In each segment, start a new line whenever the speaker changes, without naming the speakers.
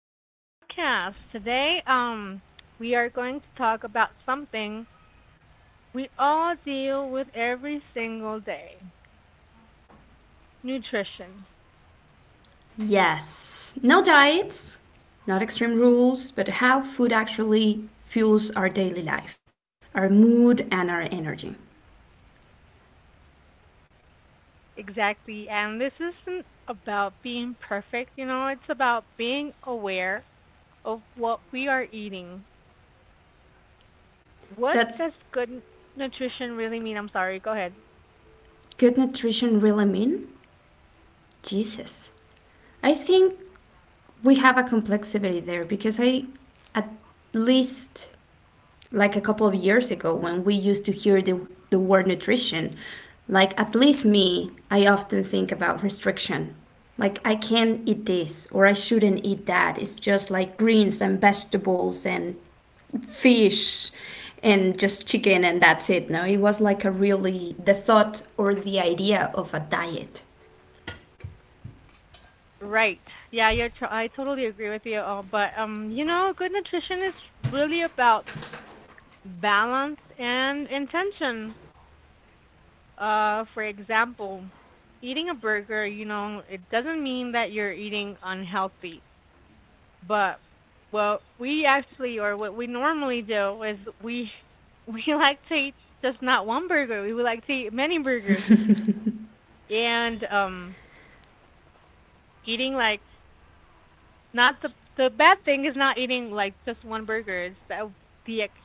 to our podcast. Today, we are going to talk about something we all deal with every single day, nutrition. Exactly. And this isn't about being perfect, you know, it's about being aware of what we are eating. What does good nutrition really mean? I'm sorry, go ahead. Right. Yeah, I totally agree with you all, but you know, good nutrition is really about balance and intention. For example, eating a burger, you know, it doesn't mean that you're eating unhealthy, but what we actually or what we normally do is we we like to eat just not one burger. We would like to eat many burgers, and eating like not the the bad thing is not eating like just one burger. It's the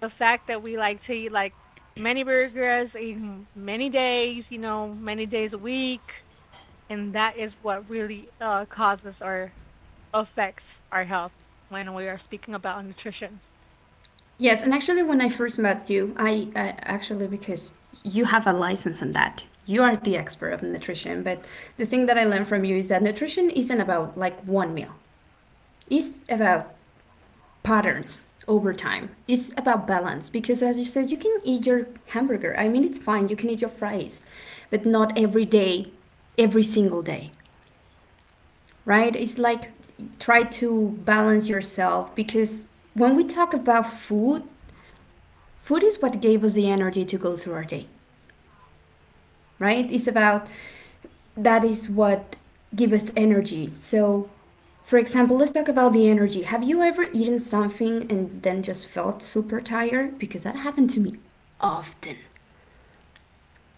the fact that we like to eat like many burgers, eat many days, you know, many days a week, and that is what really causes or affects our health when we are speaking about nutrition.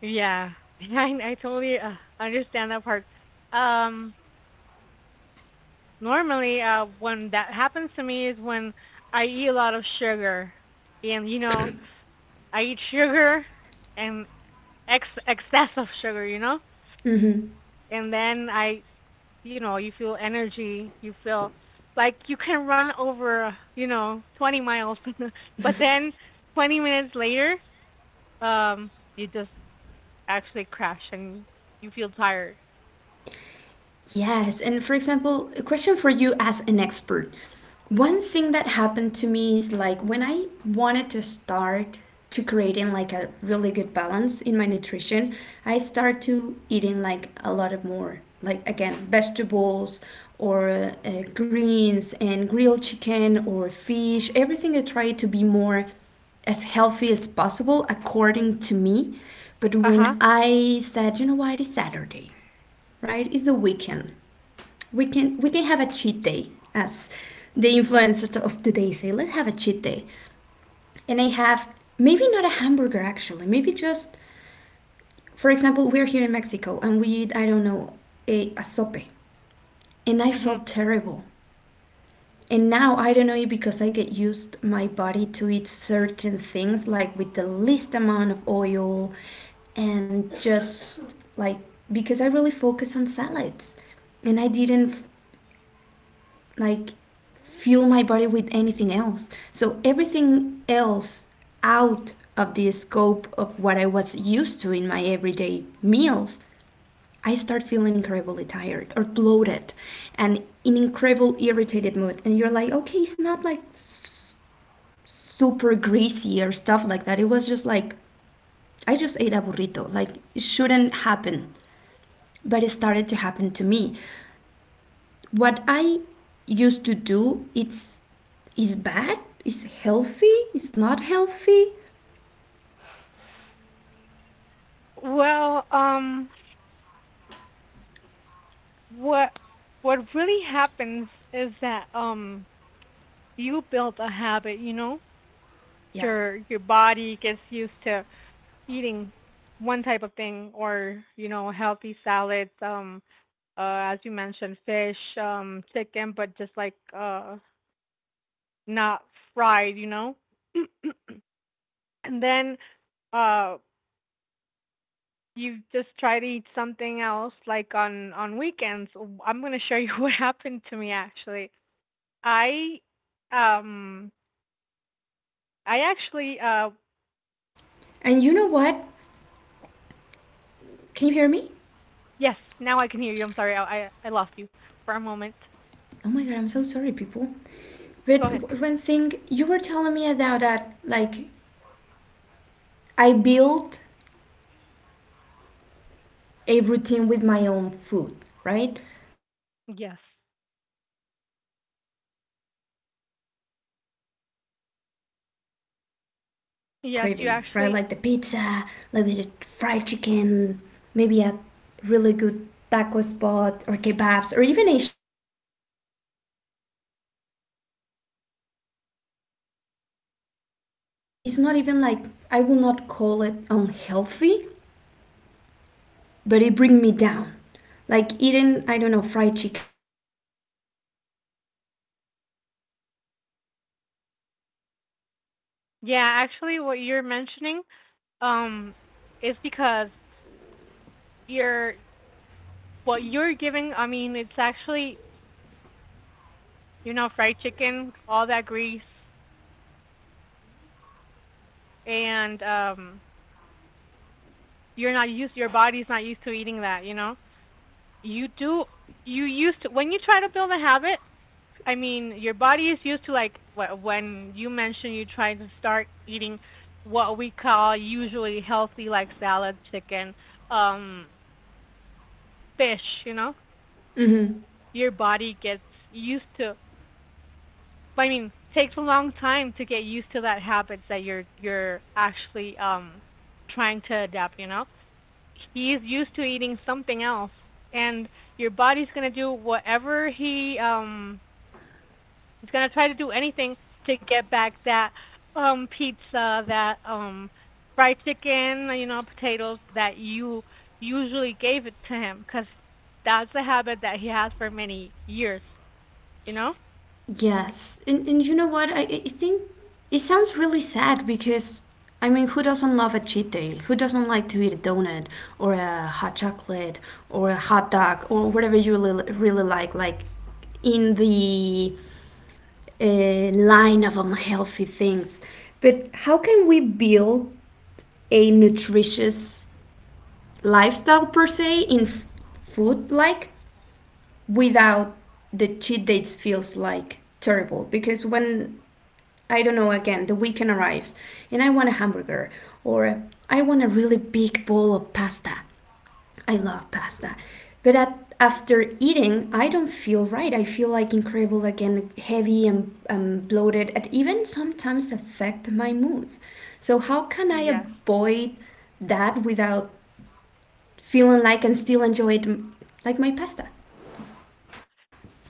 Yeah, I totally understand that part. Um, Normally, when that happens to me is when I eat a lot of sugar, and you know, I eat sugar and excess of sugar, you know, and then I you feel energy, you feel like you can run over, you know, 20 miles. But then 20 minutes later, um you just actually crash and you feel tired. Uh-huh. Mhm. Well, what what really happens is that you build a habit, you know, your body gets used to eating one type of thing, or you know, healthy salads, as you mentioned, fish, chicken, but just like not fried, you know. And then uh you just try to eat something else, like on weekends. I'm going to show you what happened to me actually. I um I actually Yes, now I can hear you. I'm sorry, I lost you for a moment. Go ahead. Yes. Yes, you actually. Yeah, actually what you're mentioning, um is because you're what you're giving, I mean, it's actually, you know, fried chicken, all that grease, and you're not used, your body's not used to eating that, you know? You do, you used to, when you try to build a habit, I mean, your body is used to like when you mention you try to start eating what we call usually healthy, like salad, chicken, um fish, you know? Your body gets used to, I mean, takes a long time to get used to that habits that you're actually trying to adapt, you know. He's used to eating something else, and your body's going to do whatever he's going to try to do anything to get back that pizza, that fried chicken, you know, potatoes that you usually gave it to him, cuz that's a habit that he has for many years, you know? Yes.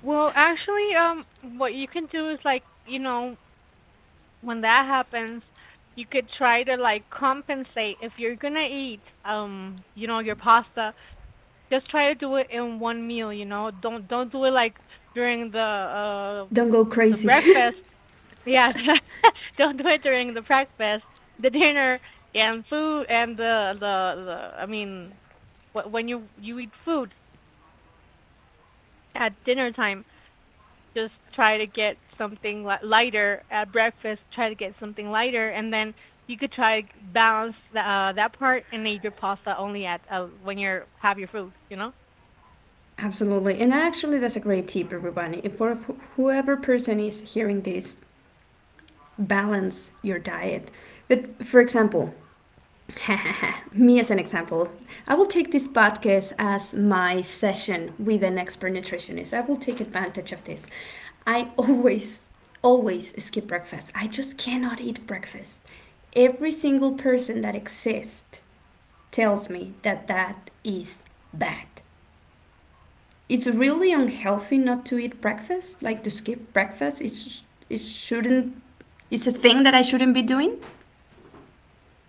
Well, actually, what you can do is like, you know, when that happens, you could try to like compensate if you're gonna eat, you know, your pasta. Just try to do it in one meal, you know. Don't do it like during the breakfast. Yeah, don't do it during the breakfast, the dinner, and food, and the the. I mean, when you eat food at dinner time, just try to get something lighter at breakfast. Try to get something lighter, and then you could try to balance that part and eat your pasta only at when you have your food. You know.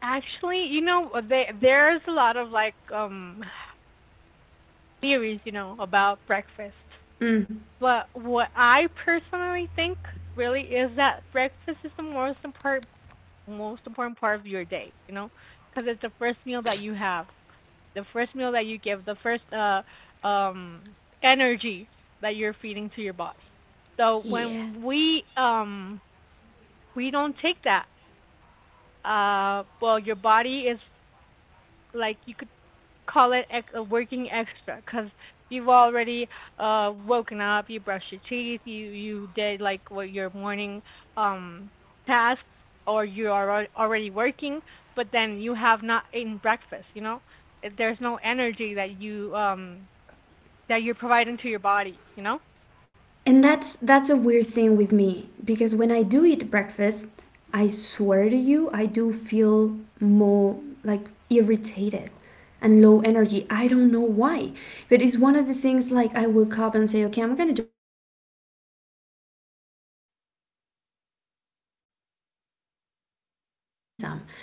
Actually, you know, there's a lot of like theories, you know, about breakfast. But what I personally think really is that breakfast is the most important part of your day, you know, because it's the first meal that you have, the first meal that you give, the first um energy that you're feeding to your body. So when we don't take that, well your body is like you could call it a working extra because you've already woken up, you brushed your teeth, you did like what your morning um tasks, or you are already working, but then you have not eaten breakfast, you know? There's no energy that you that you're providing to your body, you know?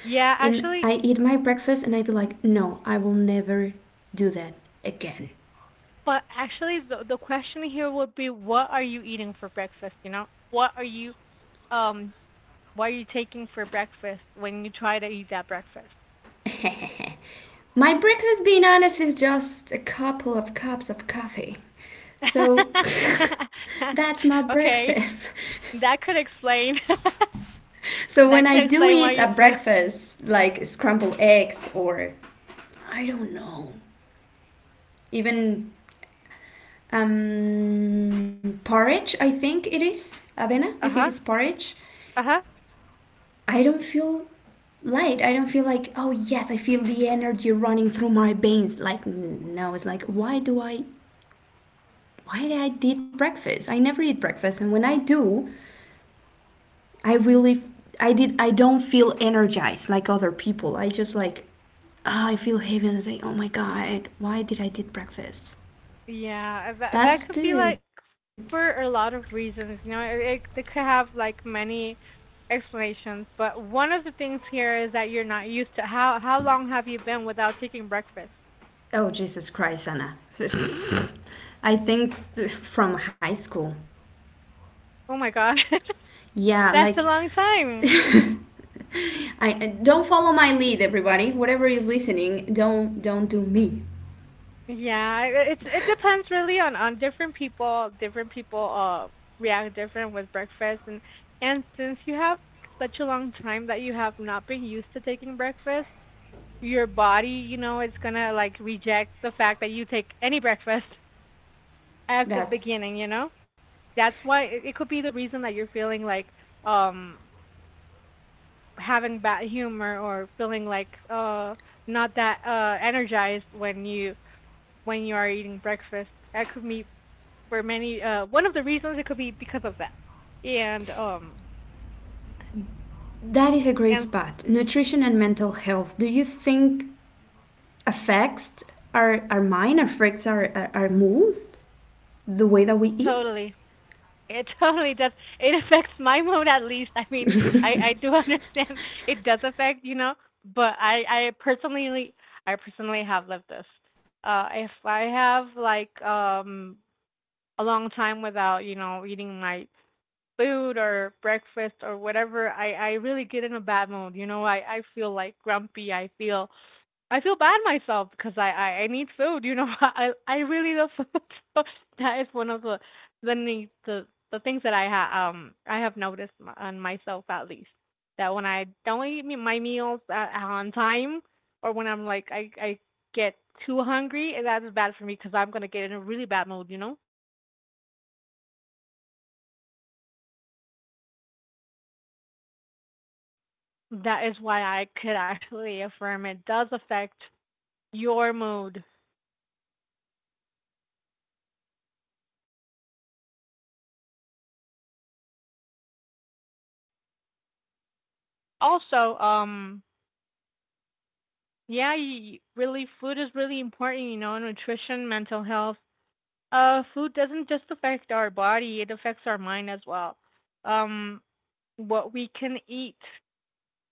Yeah, actually, but actually the question here would be what are you eating for breakfast, you know? Um what are you taking for breakfast when you try to eat that breakfast? Okay, that could explain that could explain why you feel. Uh-huh. Uh-huh. Yeah, that could be like for a lot of reasons. You know, it could have like many explanations, but one of the things here is that you're not used to, how long have you been without taking breakfast? Oh my God, that's a long time. Yeah, it's it depends really on different people. Different people react different with breakfast, and since you have such a long time that you have not been used to taking breakfast, your body, you know, it's gonna like reject the fact that you take any breakfast as the beginning, you know? That's why it could be the reason that you're feeling like um having bad humor or feeling like not that energized when you are eating breakfast. That could be for many one of the reasons, it could be because of that. And and totally, it totally does. It affects my mood at least. I mean, I do understand it does affect, you know, but I personally have lived this. If I have like a long time without, you know, eating my food or breakfast or whatever, I really get in a bad mood. You know, I feel like grumpy. I feel bad myself because I need food. You know, I really love food. So that is one of the need the things that I have noticed on myself at least, that when I don't eat my meals at, on time, or when I'm like I get too hungry, and that is bad for me because I'm gonna get in a really bad mood. You know, that is why I could actually affirm it does affect your mood. Also, yeah, really, food is really important, you know, nutrition, mental health. Food doesn't just affect our body, it affects our mind as well. Um, what we can eat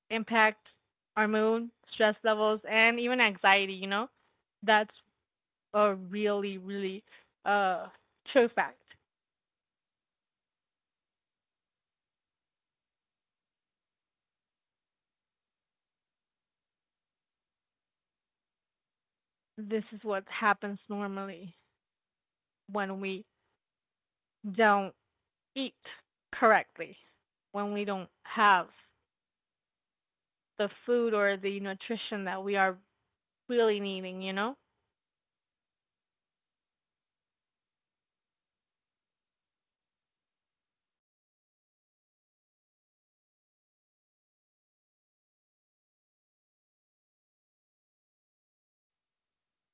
impacts our mood, stress levels, and even anxiety, you know? That's a really, really uh true fact. This is what happens normally when we don't eat correctly, when we don't have the food or the nutrition that we are really needing, you know?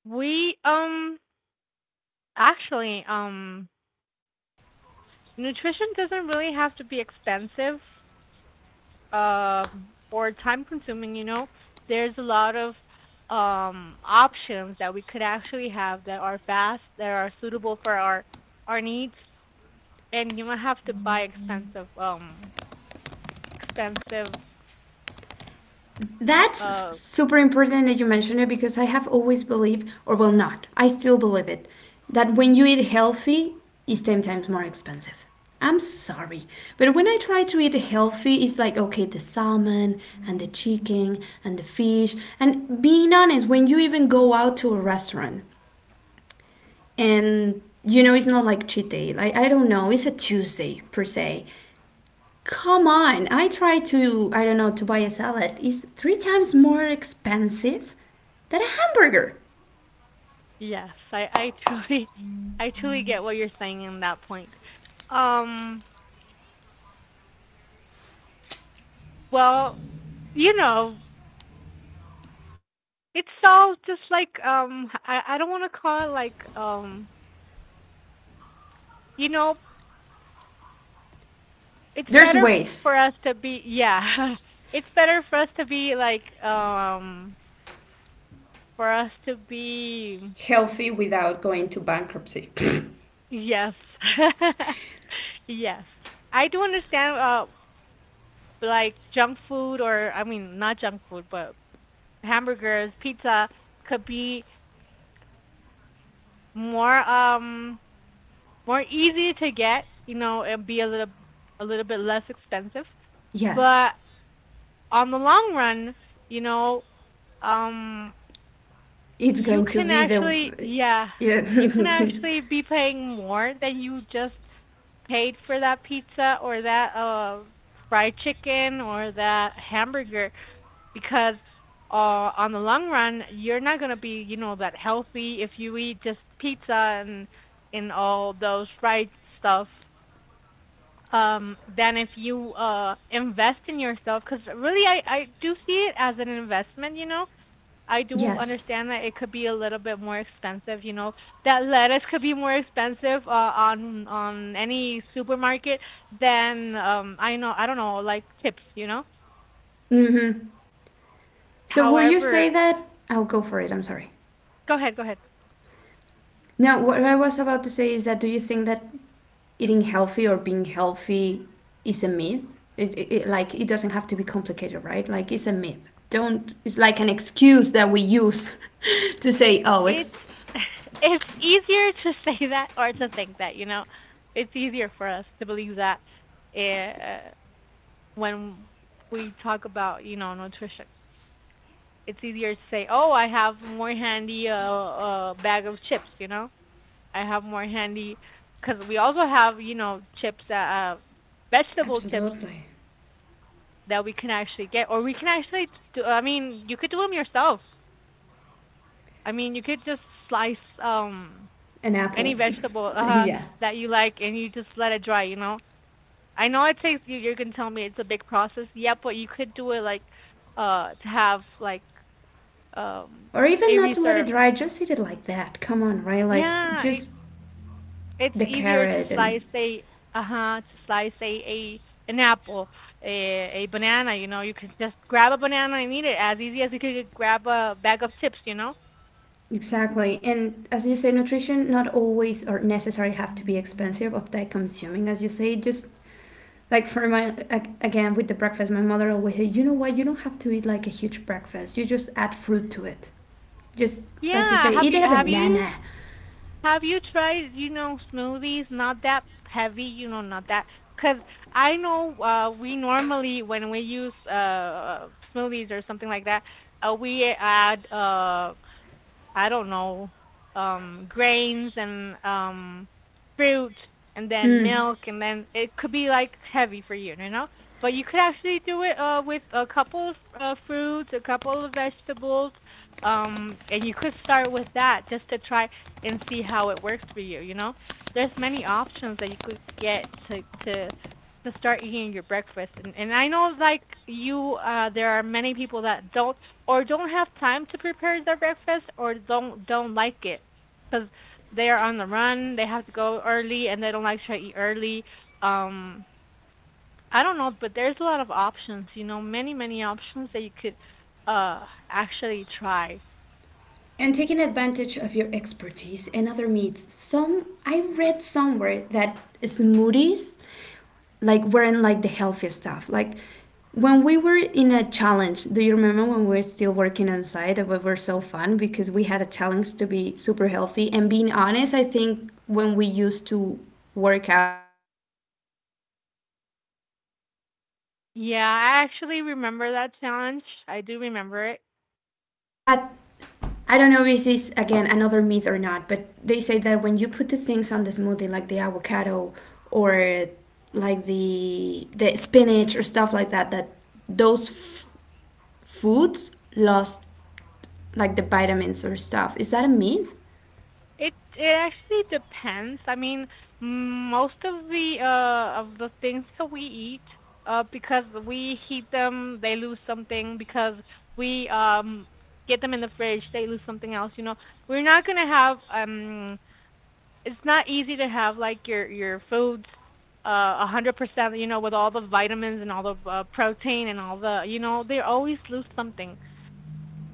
We actually nutrition doesn't really have to be expensive or time consuming, you know. There's a lot of options that we could actually have that are fast, that are suitable for our needs, and you don't have to buy expensive expensive
That's
uh
super important that you mention it because I have always believed, or well, not, I still believe it, that when you eat healthy, it's 10 times more expensive. I'm sorry, but when I try to eat healthy, it's like, okay, the salmon and the chicken and the fish. And being honest, when you even go out to a restaurant and it's not like cheat day, like, I don't know, it's a Tuesday per se. Come on, I try to, I don't know, to buy a salad. It's three times more expensive than a hamburger.
yes, I truly I truly get what you're saying in that point. Um well, you know, it's all just like I don't want to call it like you know, it's
There's
better
ways.
for us to be, yeah, it's better for us to be like for us to be
Healthy without going to bankruptcy.
yes, yes, I do understand like junk food, or I mean not junk food, but hamburgers, pizza, could be more more easy to get, you know, and be a little bit less expensive,
Yes,
but on the long run, you know, um,
it's
you
going to
can
be the.
actually, yeah,
Yeah.
you can actually be paying more than you just paid for that pizza or that fried chicken or that hamburger, because on the long run you're not going to be, you know, that healthy if you eat just pizza and and all those fried stuff, than if you invest in yourself, cuz really I do see it as an investment, you know. I do
Yes.
understand that it could be a little bit more expensive, you know. That lettuce could be more expensive on any supermarket than I know, I don't know, like tips, you know.
Mm-hmm. So, will you say
However,
that? I'll go for it, I'm sorry.
go ahead, go ahead.
No, what I was about to say is that do you think that eating healthy or being healthy is a myth? It like it doesn't have to be complicated, right? Like it's a myth. Don't. It's like an excuse that we use to say, "Oh,
It's it's easier to say that or to think that, you know. It's easier for us to believe that eh, uh, when we talk about, you know, nutrition. It's easier to say, "Oh, I have more handy bag of chips," I have more handy because we also have chips that vegetable chips
absolutely,
that we can actually get, or we can actually do. I mean, you could do them yourself. I mean, you could just slice um
an
any
apple."
vegetable
Yeah.
that you like and you just let it dry. You know, I know it takes you. You're gonna tell me it's a big process. Yeah, but you could do it like to have like um
Or even
a
not to let it
reserve.
dry, just eat it like that. Come on, right? Like
Yeah,
just
it's
the
easier to
carrot and
slice a, uh-huh, to slice a an apple, a banana, you can just grab a banana and eat it as easy as you could grab a bag of chips.
exactly. And as you say, nutrition not always or necessarily have to be expensive or that consuming. As you say, just like for my, again with the breakfast, my mother always said, you know what, you don't have to eat like a huge breakfast, you just add fruit to it, just like you
Yeah,
say,
have
eat
you
a
have you
banana.
have you tried, smoothies, not that heavy, not that because I know we normally when we use smoothies or something like that, we add I don't know, grains and fruit and then
mm,
milk, and then it could be like heavy for you, you know. But you could actually do it with a couple of fruits, a couple of vegetables, and you could start with that just to try and see how it works for you, you know. There's many options that you could get to start eating your breakfast, and I know like you there are many people that don't or don't have time to prepare their breakfast or don't like it, cuz they are on the run, they have to go early and they don't like to try to eat early. Um I don't know, but there's a lot of options, many options that you could actually try.
and taking advantage of your expertise in other meats. Some I read somewhere that smoothies like weren't like the healthiest stuff. Like when we were in a challenge, do you remember when we were still working on site? It was so fun because we had a challenge to be super healthy. And being honest, I think when we used to work out and eat together, when you were the one telling me what
Yeah,
to do,
I
I
actually
felt the
remember that challenge.
best.
I do remember it.
But I don't know if this is again another myth or not, but they say that when you put the things on the smoothie, like the avocado or like the spinach or stuff like that, that those foods lost like the vitamins or stuff. Is that a myth?
It actually depends. I mean, most of the things that we eat, because we heat them, they lose something. Because we get them in the fridge, they lose something else. You know, we're not gonna have. It's not easy to have like your foods, uh, 100%. You know, with all the vitamins and all the protein and all the, they always lose something.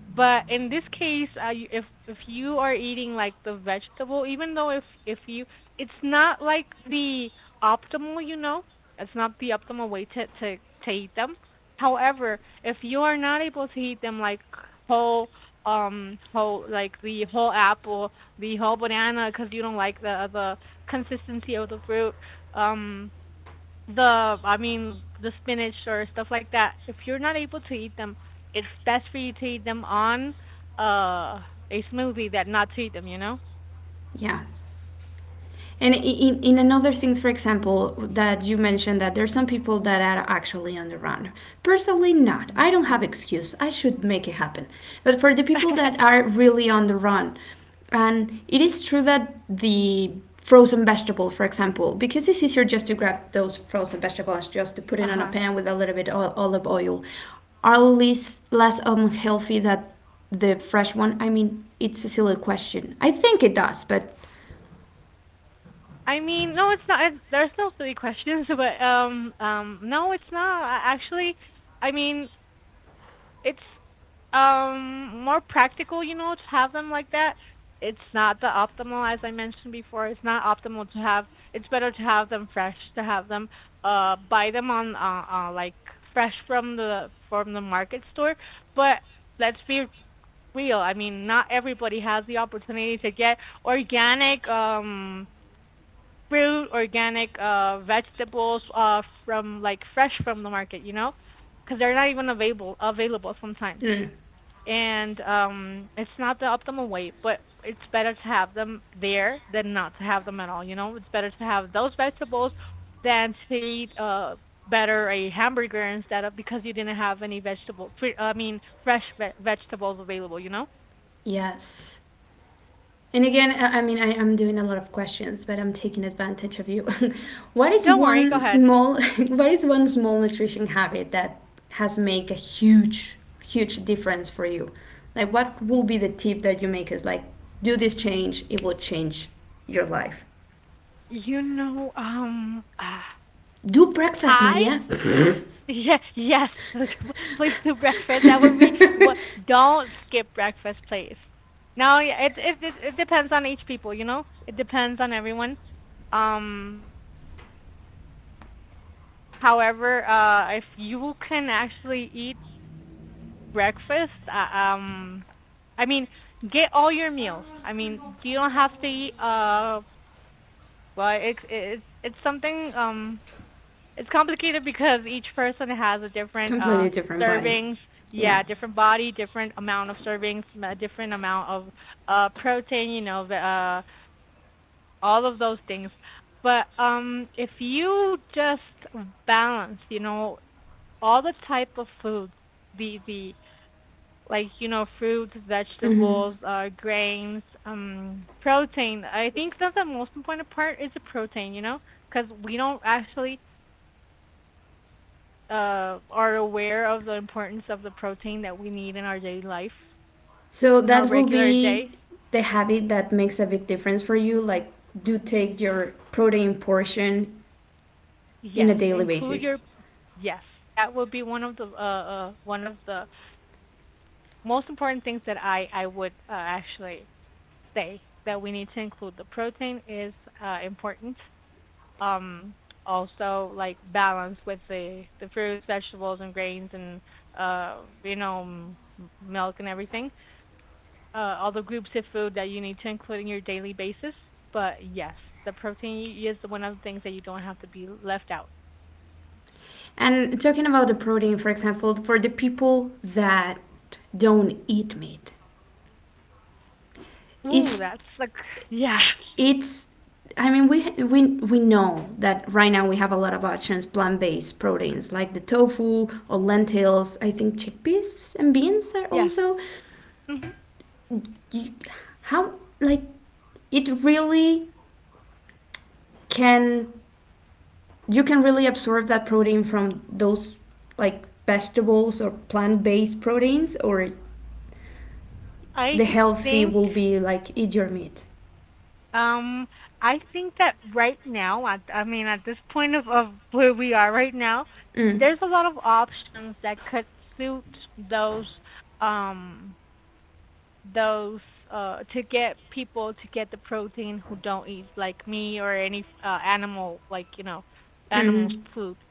But in this case, if you are eating like the vegetable, even though if it's not like the optimal, you know, it's not the optimal way to eat them. However, if you are not able to eat them like whole, whole like the whole apple, the whole banana, because you don't like the consistency of the fruit, um, the I mean the spinach or stuff like that, if you're not able to eat them, it's best for you to eat them on uh a smoothie than not to eat them, you know?
Yeah. And in another things, for example, that you mentioned that there's some people that are actually on the run. Personally, not. I don't have excuse. I should make it happen. But for the people that are really on the run, and it is true that the frozen vegetable, for example, because it's easier just to grab those frozen vegetables just to put it on a
Uh-huh.
pan with a little bit of olive oil, are less unhealthy than the fresh one. I mean, it's a silly question. I think it does, but
I mean, no, it's not. There's no silly questions, but no, it's not. Actually, I mean, it's more practical, you know, to have them like that. It's not the optimal, as I mentioned before. It's not optimal to have. It's better to have them fresh, to have them buy them on like fresh from the market store. But let's be real. I mean, not everybody has the opportunity to get organic fruit, organic vegetables from like fresh from the market, you know? Cuz they're not even available sometimes, and it's not the optimal way, but it's better to have them there than not to have them at all. It's better to have those vegetables than to eat better a hamburger instead of, because you didn't have any vegetable free, I mean fresh vegetables available.
yes. And again, I mean, I am doing a lot of questions, but I'm taking advantage of you. what is
Don't worry, go
one
ahead.
small, What is one small nutrition habit that has made a huge, huge difference for you? Like, what will be the tip that you make is like, do this change, it will change your life.
you know um
Do breakfast,
I
Maria.
Yeah, yes. Please do breakfast. That would be what. Don't skip breakfast, please. No, yeah, it depends on each people, you know. It depends on everyone. Um, however, if you can actually eat breakfast, I mean, get all your meals. I mean, you don't have to eat. Well, it's something. It's complicated because each person has a different
Completely different body.
servings,
Yeah.
yeah, different body, different amount of servings, different amount of protein, you know, all of those things. But if you just balance, all the type of foods, the like, fruits, vegetables, grains, protein. I think that the most important part is the protein, cuz we don't actually are aware of the importance of the protein that we need in our daily life,
So
in our
that will
regular
be
day.
the habit that makes a big difference for you. Like, do take your protein portion in a
Yes,
daily
include
basis.
your. Yes. That would be one of the most important things that I would actually say that we need to include. The protein is important. Um, also like balance with the fruits, vegetables, and grains, and uh, you know m- milk and everything. All the groups of food that you need to include in your daily basis. But yes, the protein is one of the things that you don't have to be left out.
And talking about the protein, for example, for the people that don't eat meat,
Ooh,
it's
that's like, yeah,
it's. I mean, we know that right now we have a lot of options, plant-based proteins like the tofu or lentils. I think chickpeas and beans are
yes.
also.
hmm
You, how like it really can you can really absorb that protein from those like vegetables or plant-based proteins or
I
the healthy
think,
will be like eat your meat.
um that right now, I mean at this point of where we are right now,
Mm,
there's a lot of options that could suit those um those to get people to get the protein, who don't eat like me or any animal, like animals
hmm.
food,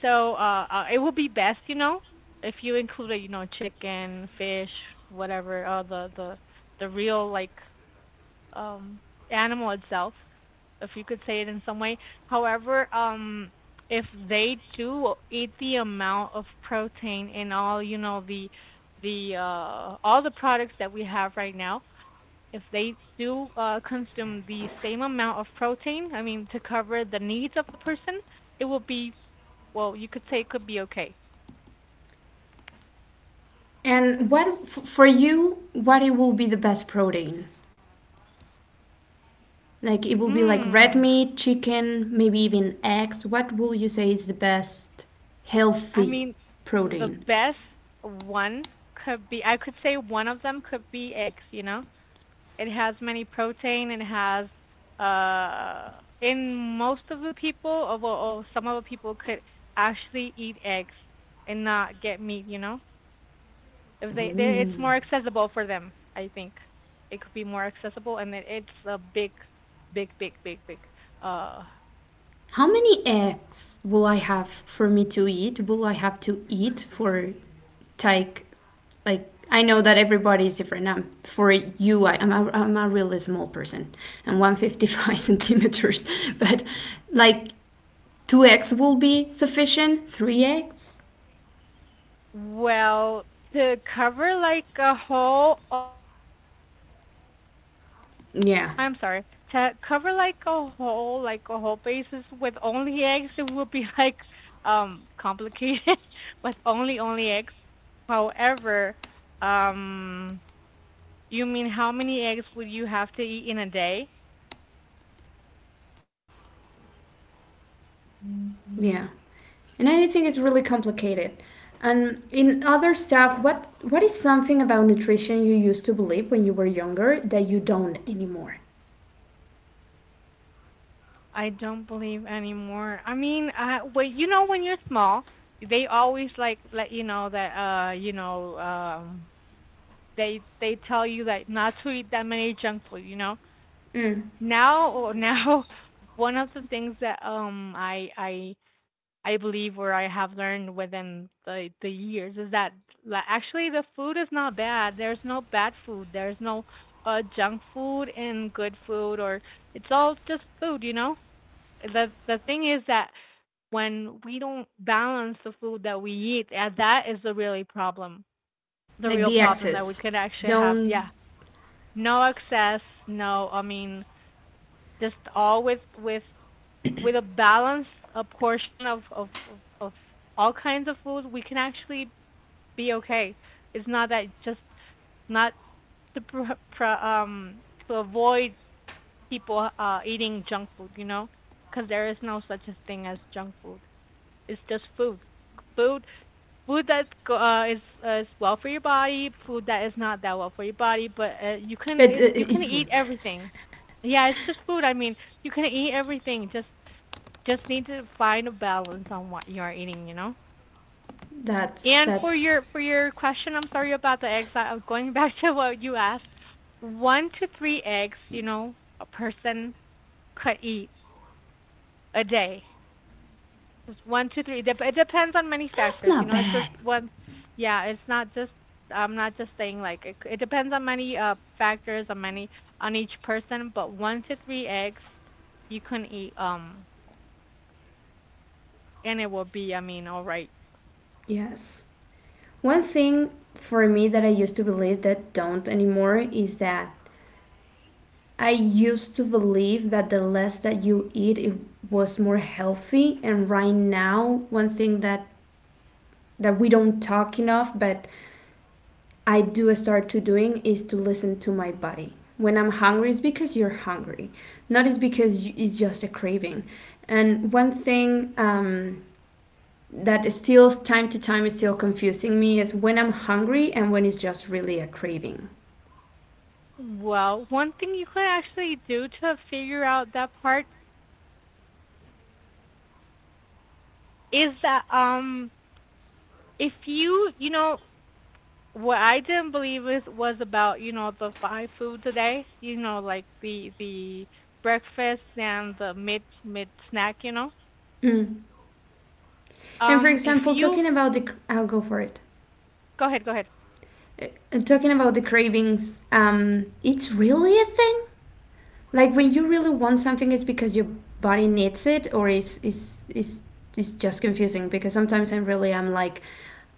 so it would be best, if you included, chicken, fish, whatever, the real, like, um animal itself, if you could say it in some way. However, if they do eat the amount of protein in all, the all the products that we have right now, if they do consume the same amount of protein, I mean, to cover the needs of the person, it will be, well, you could say it could be okay.
And what for you? What it will be the best protein? Like it will be like red
Hmm.
meat, chicken, maybe even eggs. What will you say is the best
I
healthy
mean, the
protein?
best one could be, I could say one of them could be eggs, you know? It has many protein, it has, uh, in most of the people, or, well, or some of the people could actually eat eggs and not get meat, you know? If they, it's more
Mm.
accessible for them, I think it could be more accessible, and it's a big, big, big, big, big, uh
How many eggs will I have for me to eat? Will I have to eat for take like I know that everybody is different. For you, I'm a really small person. I'm 155 centimeters. But like 2x will be sufficient, 3x.
well, to cover like a whole,
Yeah,
I'm sorry, to cover like a whole basis with only eggs, it would be like, complicated. With only eggs. However, um you mean how many eggs would you have to eat in a day?
yeah. And I think it's really complicated. And in other stuff, what is something about nutrition you used to believe when you were younger that you don't anymore?
I don't believe anymore. I mean, well, you know, when you're small, they always like let you know that, they tell you that not to eat that many junk food.
Mm,
Now, one of the things that I believe or I have learned within the years is that, like, actually the food is not bad. There's no bad food. There's no junk food and good food, or it's all just food. The thing is that when we don't balance the food that we eat, and that is the really problem, the
like
real
the
problem that we
excess.
could actually have. Yeah,
Don't.
no excess, no. I mean, just all with a balanced, a portion of all kinds of food, we can actually be okay. It's not that just not to to avoid people eating junk food, because there is no such a thing as junk food. It's just food. Food food, that is well for your body, food that is not that well for your body, but
But
you can
it's food.
eat everything. Yeah, it's just food. I mean, you can eat everything. Just need to find a balance on what you are eating.
that's
And for
that's
your question, I'm sorry about the eggs. I'm going back to what you asked. One to three eggs, a person could eat a day. It's one, two, three. It depends on many
That's
factors.
not
It's just
bad.
one. Yeah, it's not just. I'm not just saying like it. It depends on many factors, on each person. But one to three eggs you can eat. And it will be. I mean, all right.
Yes. One thing for me that I used to believe that don't anymore is that I used to believe that the less that you eat, it was more healthy. And right now, one thing that we don't talk enough, but I do start to doing is to listen to my body. When I'm hungry, it's because you're hungry, not it's because you, it's just a craving. And one thing that is still time to time is still confusing me is when I'm hungry and when it's just really a craving.
Well, one thing you could actually do to figure out that part is that if you you know what I didn't believe is was about you know the five foods a day, you know, like the breakfast and the mid snack, you know.
Mm. And for
If
example,
you
talking about the, I'll go for it.
go ahead, go ahead.
Talking about the cravings, it's really a thing. Like when you really want something, it's because your body needs it, or is just confusing because sometimes I really am like,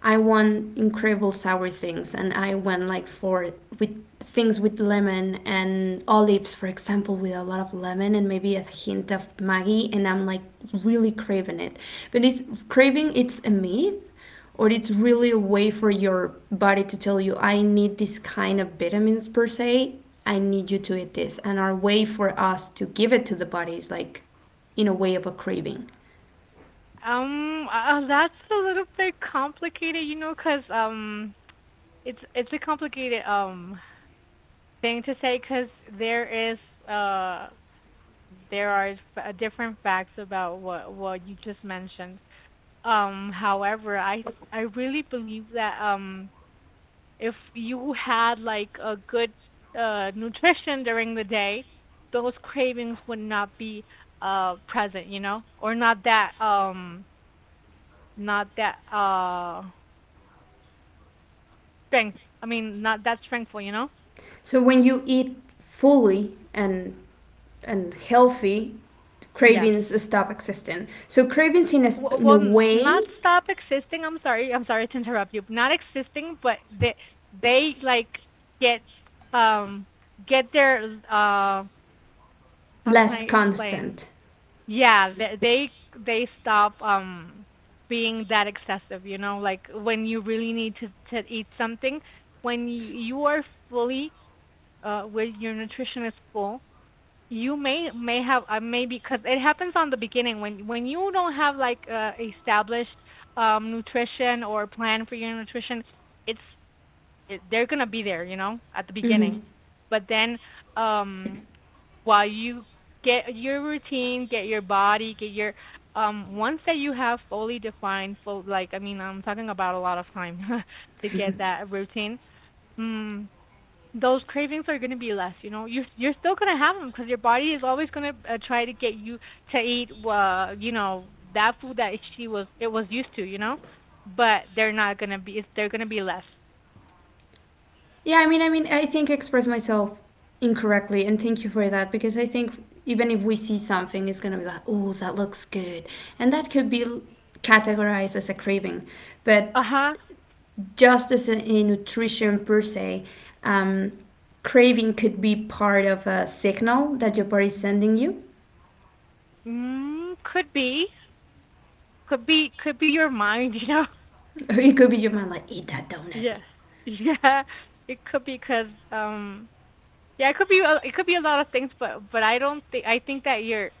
I want incredible sour things, and I went like for with things with lemon and olives, for example, with a lot of lemon and maybe a hint of Maggi, and I'm like really craving it. But it's craving. It's a myth, or it's really a way for your body to tell you, I need this kind of vitamins per se. I need you to eat this, and our way for us to give it to the body is like, in a way of a craving.
That's a little bit complicated, you know, 'cause it's a complicated thing to say 'cause there is uh there are different facts about what you just mentioned. However, I really believe that if you had like a good nutrition during the day, those cravings would not be present, you know, or not that not that strength. I mean, not that strengthful, you know.
So when you eat fully and healthy,
Yes.
cravings stop existing. So cravings in a, in
Well,
a way
not stop existing. I'm sorry. I'm sorry to interrupt you. Not existing, but they like get um get their how can
less
I explain.
constant.
Yeah, they stop being that excessive, you know, like when you really need to eat something, when you are fully with your nutrition is full, you may have maybe because it happens on the beginning when you don't have like established nutrition or plan for your nutrition, it's they're gonna be there, you know, at the
Hmm.
beginning, but then um while you get your routine, get your body, get your once that you have fully defined full, like I mean I'm talking about a lot of time to get that routine. Mm, those cravings are going to be less, you know. You you're still going to have them because your body is always going to try to get you to eat you know that food that she was it was used to, you know. But they're not going to be it's, they're going to be less.
Yeah, I mean, I think I express myself incorrectly, and thank you for that because I think even if we see something, it's gonna be like, oh, that looks good, and that could be categorized as a craving, but
Uh-huh.
just as in nutrition per se, um, craving could be part of a signal that your body is sending you.
Mm, could be. Could be, could be your mind, you know.
It could be your mind like, eat that
Yeah.
donut.
Yeah. It could be because, um yeah, it could be a, it could be a lot of things, but I don't think, I think that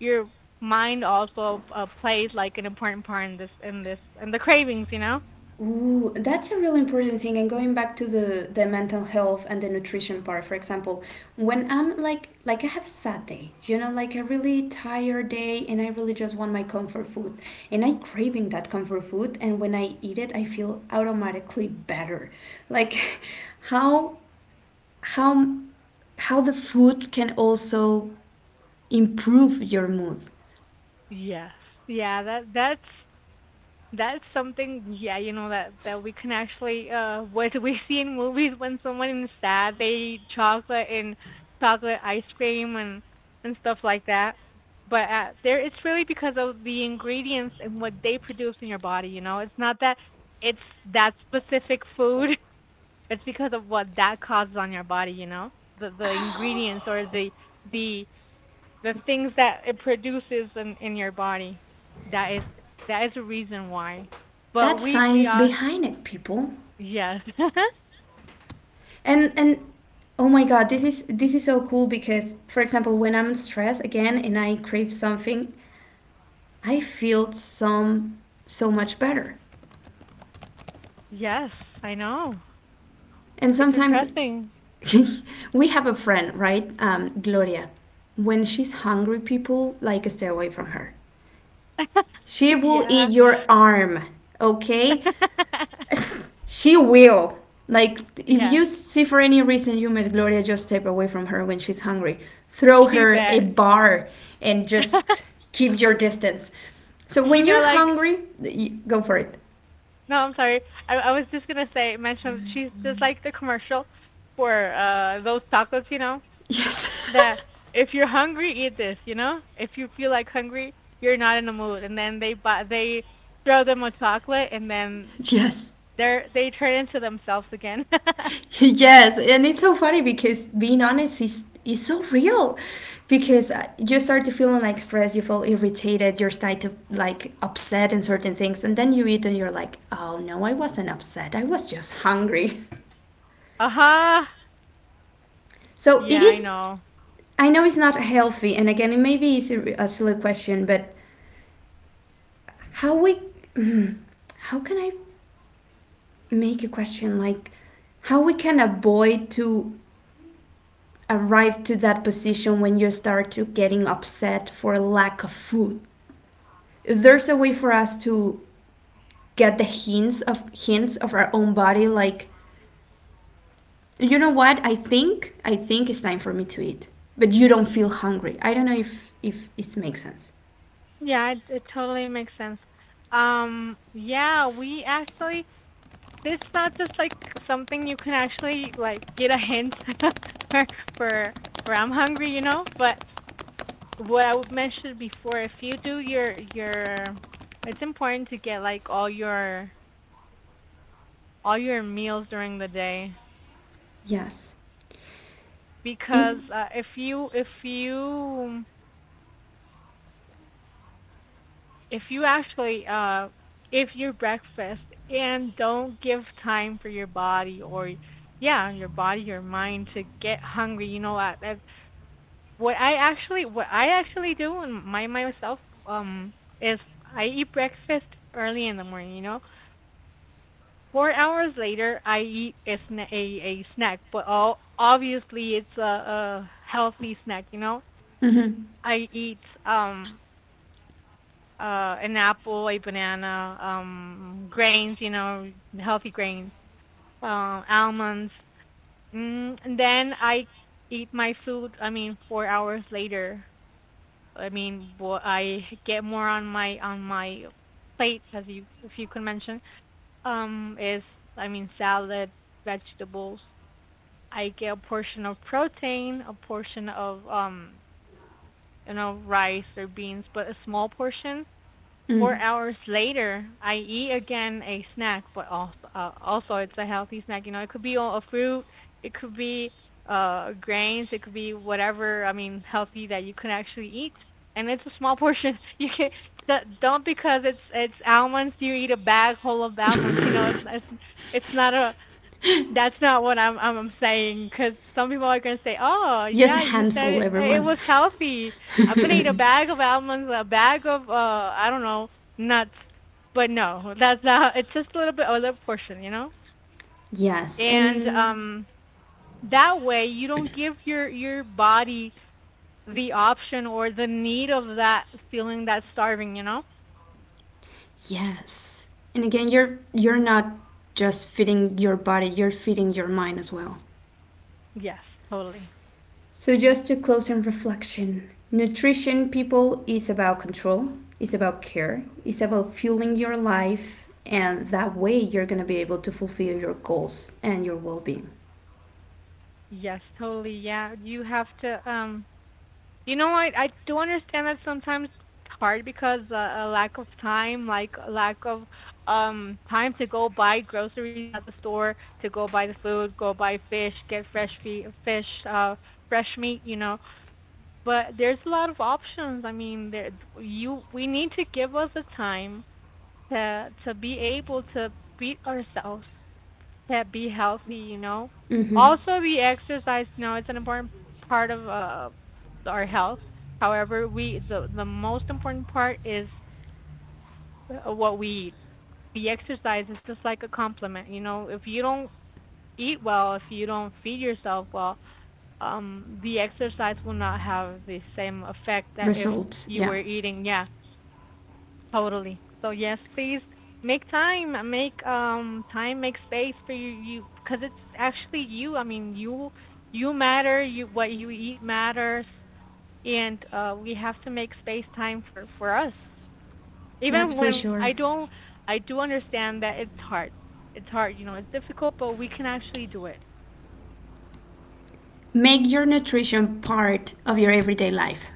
your mind also plays like an important part in this, in this, in the cravings, you know?
Ooh, that's a really important thing. And going back to the mental health and the nutrition part, for example, when I'm like, I have a sad day, like a really tired day and I really just want my comfort food and I am craving that comfort food. And when I eat it, I feel automatically better. Like how how how the food can also improve your mood.
Yes. Yeah, that's something, yeah, you know, that that we can actually what we see in movies when someone is sad, they eat chocolate and chocolate ice cream and stuff like that. But there, it's really because of the ingredients and what they produce in your body. You know, it's not that it's that specific food. It's because of what that causes on your body. You know, the ingredients or
Oh,
the the the things that it produces in your body. That is that is a reason why. But
that's
we
science
are
behind it, people.
yes.
And oh my god, this is so cool because for example, when I'm stressed again and I crave something, I feel some so much better.
Yes, I know.
And
It's
sometimes
impressive.
we have a friend, right? Gloria. When she's hungry, people like stay away from her. She will eat
Yeah.
your arm, okay? She will. Like, if you
Yeah.
see for any reason you met Gloria, just step away from her when she's hungry. Throw
You
her a
bet.
bar and just keep your distance. So,
You
when
know
you're
like
hungry, go for it.
no, I'm sorry. I was just gonna say mention she's just like the commercial for those tacos, you know.
Yes.
That if you're hungry, eat this. You know, if you feel like hungry, you're not in the mood, and then they buy, they throw them a chocolate, and then
Yes.
they're they turn into themselves again.
Yes. And it's so funny because being honest is so real because you start to feeling like stressed, you feel irritated, you're starting to like upset in certain things, and then you eat and you're like, oh no, I wasn't upset, I was just hungry.
Huh.
So it
Yeah, I
is.
know.
I know it's not healthy, and again, it maybe is a silly question, but how we, mm, how can I make a question like how we can avoid to arrive to that position when you start to getting upset for lack of food? If there's a way for us to get the hints of our own body, like you know what I think it's time for me to eat, but you don't feel hungry. I don't know if it makes sense.
Yeah, it totally makes sense. Yeah, we actually this not just like something you can actually like get a hint for for for I'm hungry, you know, but what I would mention before, if you do it's important to get like all your meals during the day
Yes.
because
And.
if you if you actually if your breakfast and don't give time for your body or yeah your body your mind to get hungry, you know what that what I actually, what I actually do and my myself um is I eat breakfast early in the morning, you know. 4 hours later, I eat a, a snack, but all, obviously it's a healthy snack, you know?
Mhm.
I eat an apple, a banana, grains, you know, healthy grains, almonds. Mm, and then I eat my food, I mean, 4 hours later. I mean, I get more on my plate as you, if you could mention is I mean salad, vegetables, I get a portion of protein, a portion of you know, rice or beans, but a small portion. Four
Mm.
hours later, I eat again a snack, but also, also it's a healthy snack. You know, it could be a fruit, it could be grains, it could be whatever. I mean, healthy that you can actually eat, and it's a small portion. You can don't because it's almonds. You eat a bag whole of almonds. You know, it's it's not a, that's not what I'm saying, because some people are gonna say, "Oh,
Just a
yeah, you said
handful,
it, it
everyone.
was healthy. I'm gonna eat a bag of almonds, a bag of I don't know, nuts." But no, that's not. It's just a little bit, a little portion, you know.
yes,
And
and
that way you don't give your body the option or the need of that feeling that starving, you know.
yes, and again, you're not just feeding your body; you're feeding your mind as well.
Yes, totally.
So just to close in reflection, nutrition, people, is about control, it's about care, it's about fueling your life, and that way you're gonna be able to fulfill your goals and your well-being.
Yes, totally. Yeah, you have to you know, I do understand that sometimes it's hard because a lack of time, like a lack of time to go buy groceries at the store, to go buy the food, go buy fish, get fresh fe fish, fresh meat, you know. But there's a lot of options. I mean, there you we need to give us the time to be able to feed ourselves that be healthy, you know.
Mm-hmm.
Also, we exercise. You know, it's an important part of our health. However, we the most important part is what we eat. The exercise is just like a compliment. You know, if you don't eat well, if you don't feed yourself well, the exercise will not have the same effect that if
Results,
you
yeah,
were eating, yeah. Totally. So yes, please make time, make time, make space for you, because it's actually you. I mean, you matter. You what you eat matters, and we have to make space time for us.
that's
Even
for
when
sure.
I don't, I do understand that it's hard. It's hard, you know, it's difficult, but we can actually do it.
Make your nutrition part of your everyday life.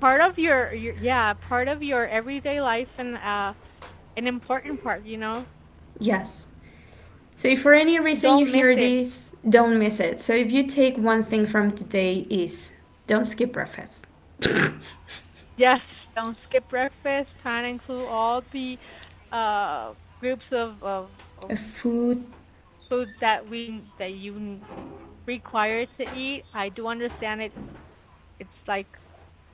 Part of your yeah, part of your everyday life and an important part, you know.
Yes. So if for any reason you
Don't miss
hear
it.
this, don't miss it. So if you take one thing from today is don't skip breakfast.
Yes, don't skip breakfast. Try to include all the uh groups of
A food,
foods that we, that you require to eat. I do understand it. Like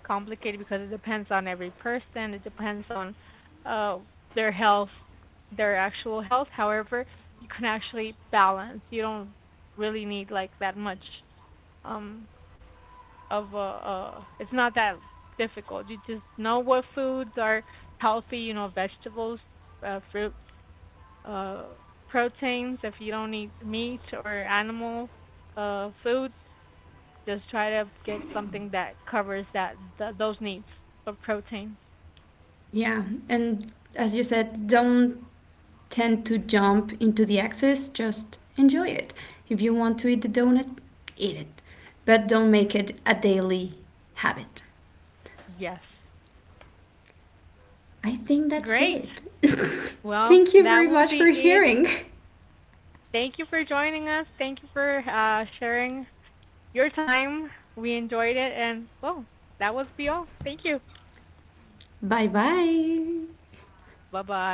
complicated because it depends on every person. It depends on uh their health, their actual health. However, you can actually balance. You don't really need like that much um of a it's not that difficult. You just know what foods are healthy, you know, vegetables, fruits, uh, proteins. If you don't eat meat or animal food, just try to get something that covers that those needs of protein.
yeah. And as you said, don't tend to jump into the excess, just enjoy it. If you want to eat the donut, eat it. But don't make it a daily habit.
Yes.
I think that's
Great.
it.
Well,
Thank you
that
very
will
much
be
for
it.
hearing.
Thank you for joining us. Thank you for sharing your time. We enjoyed it, and well, that was be all. Thank you.
Bye bye.
Bye bye.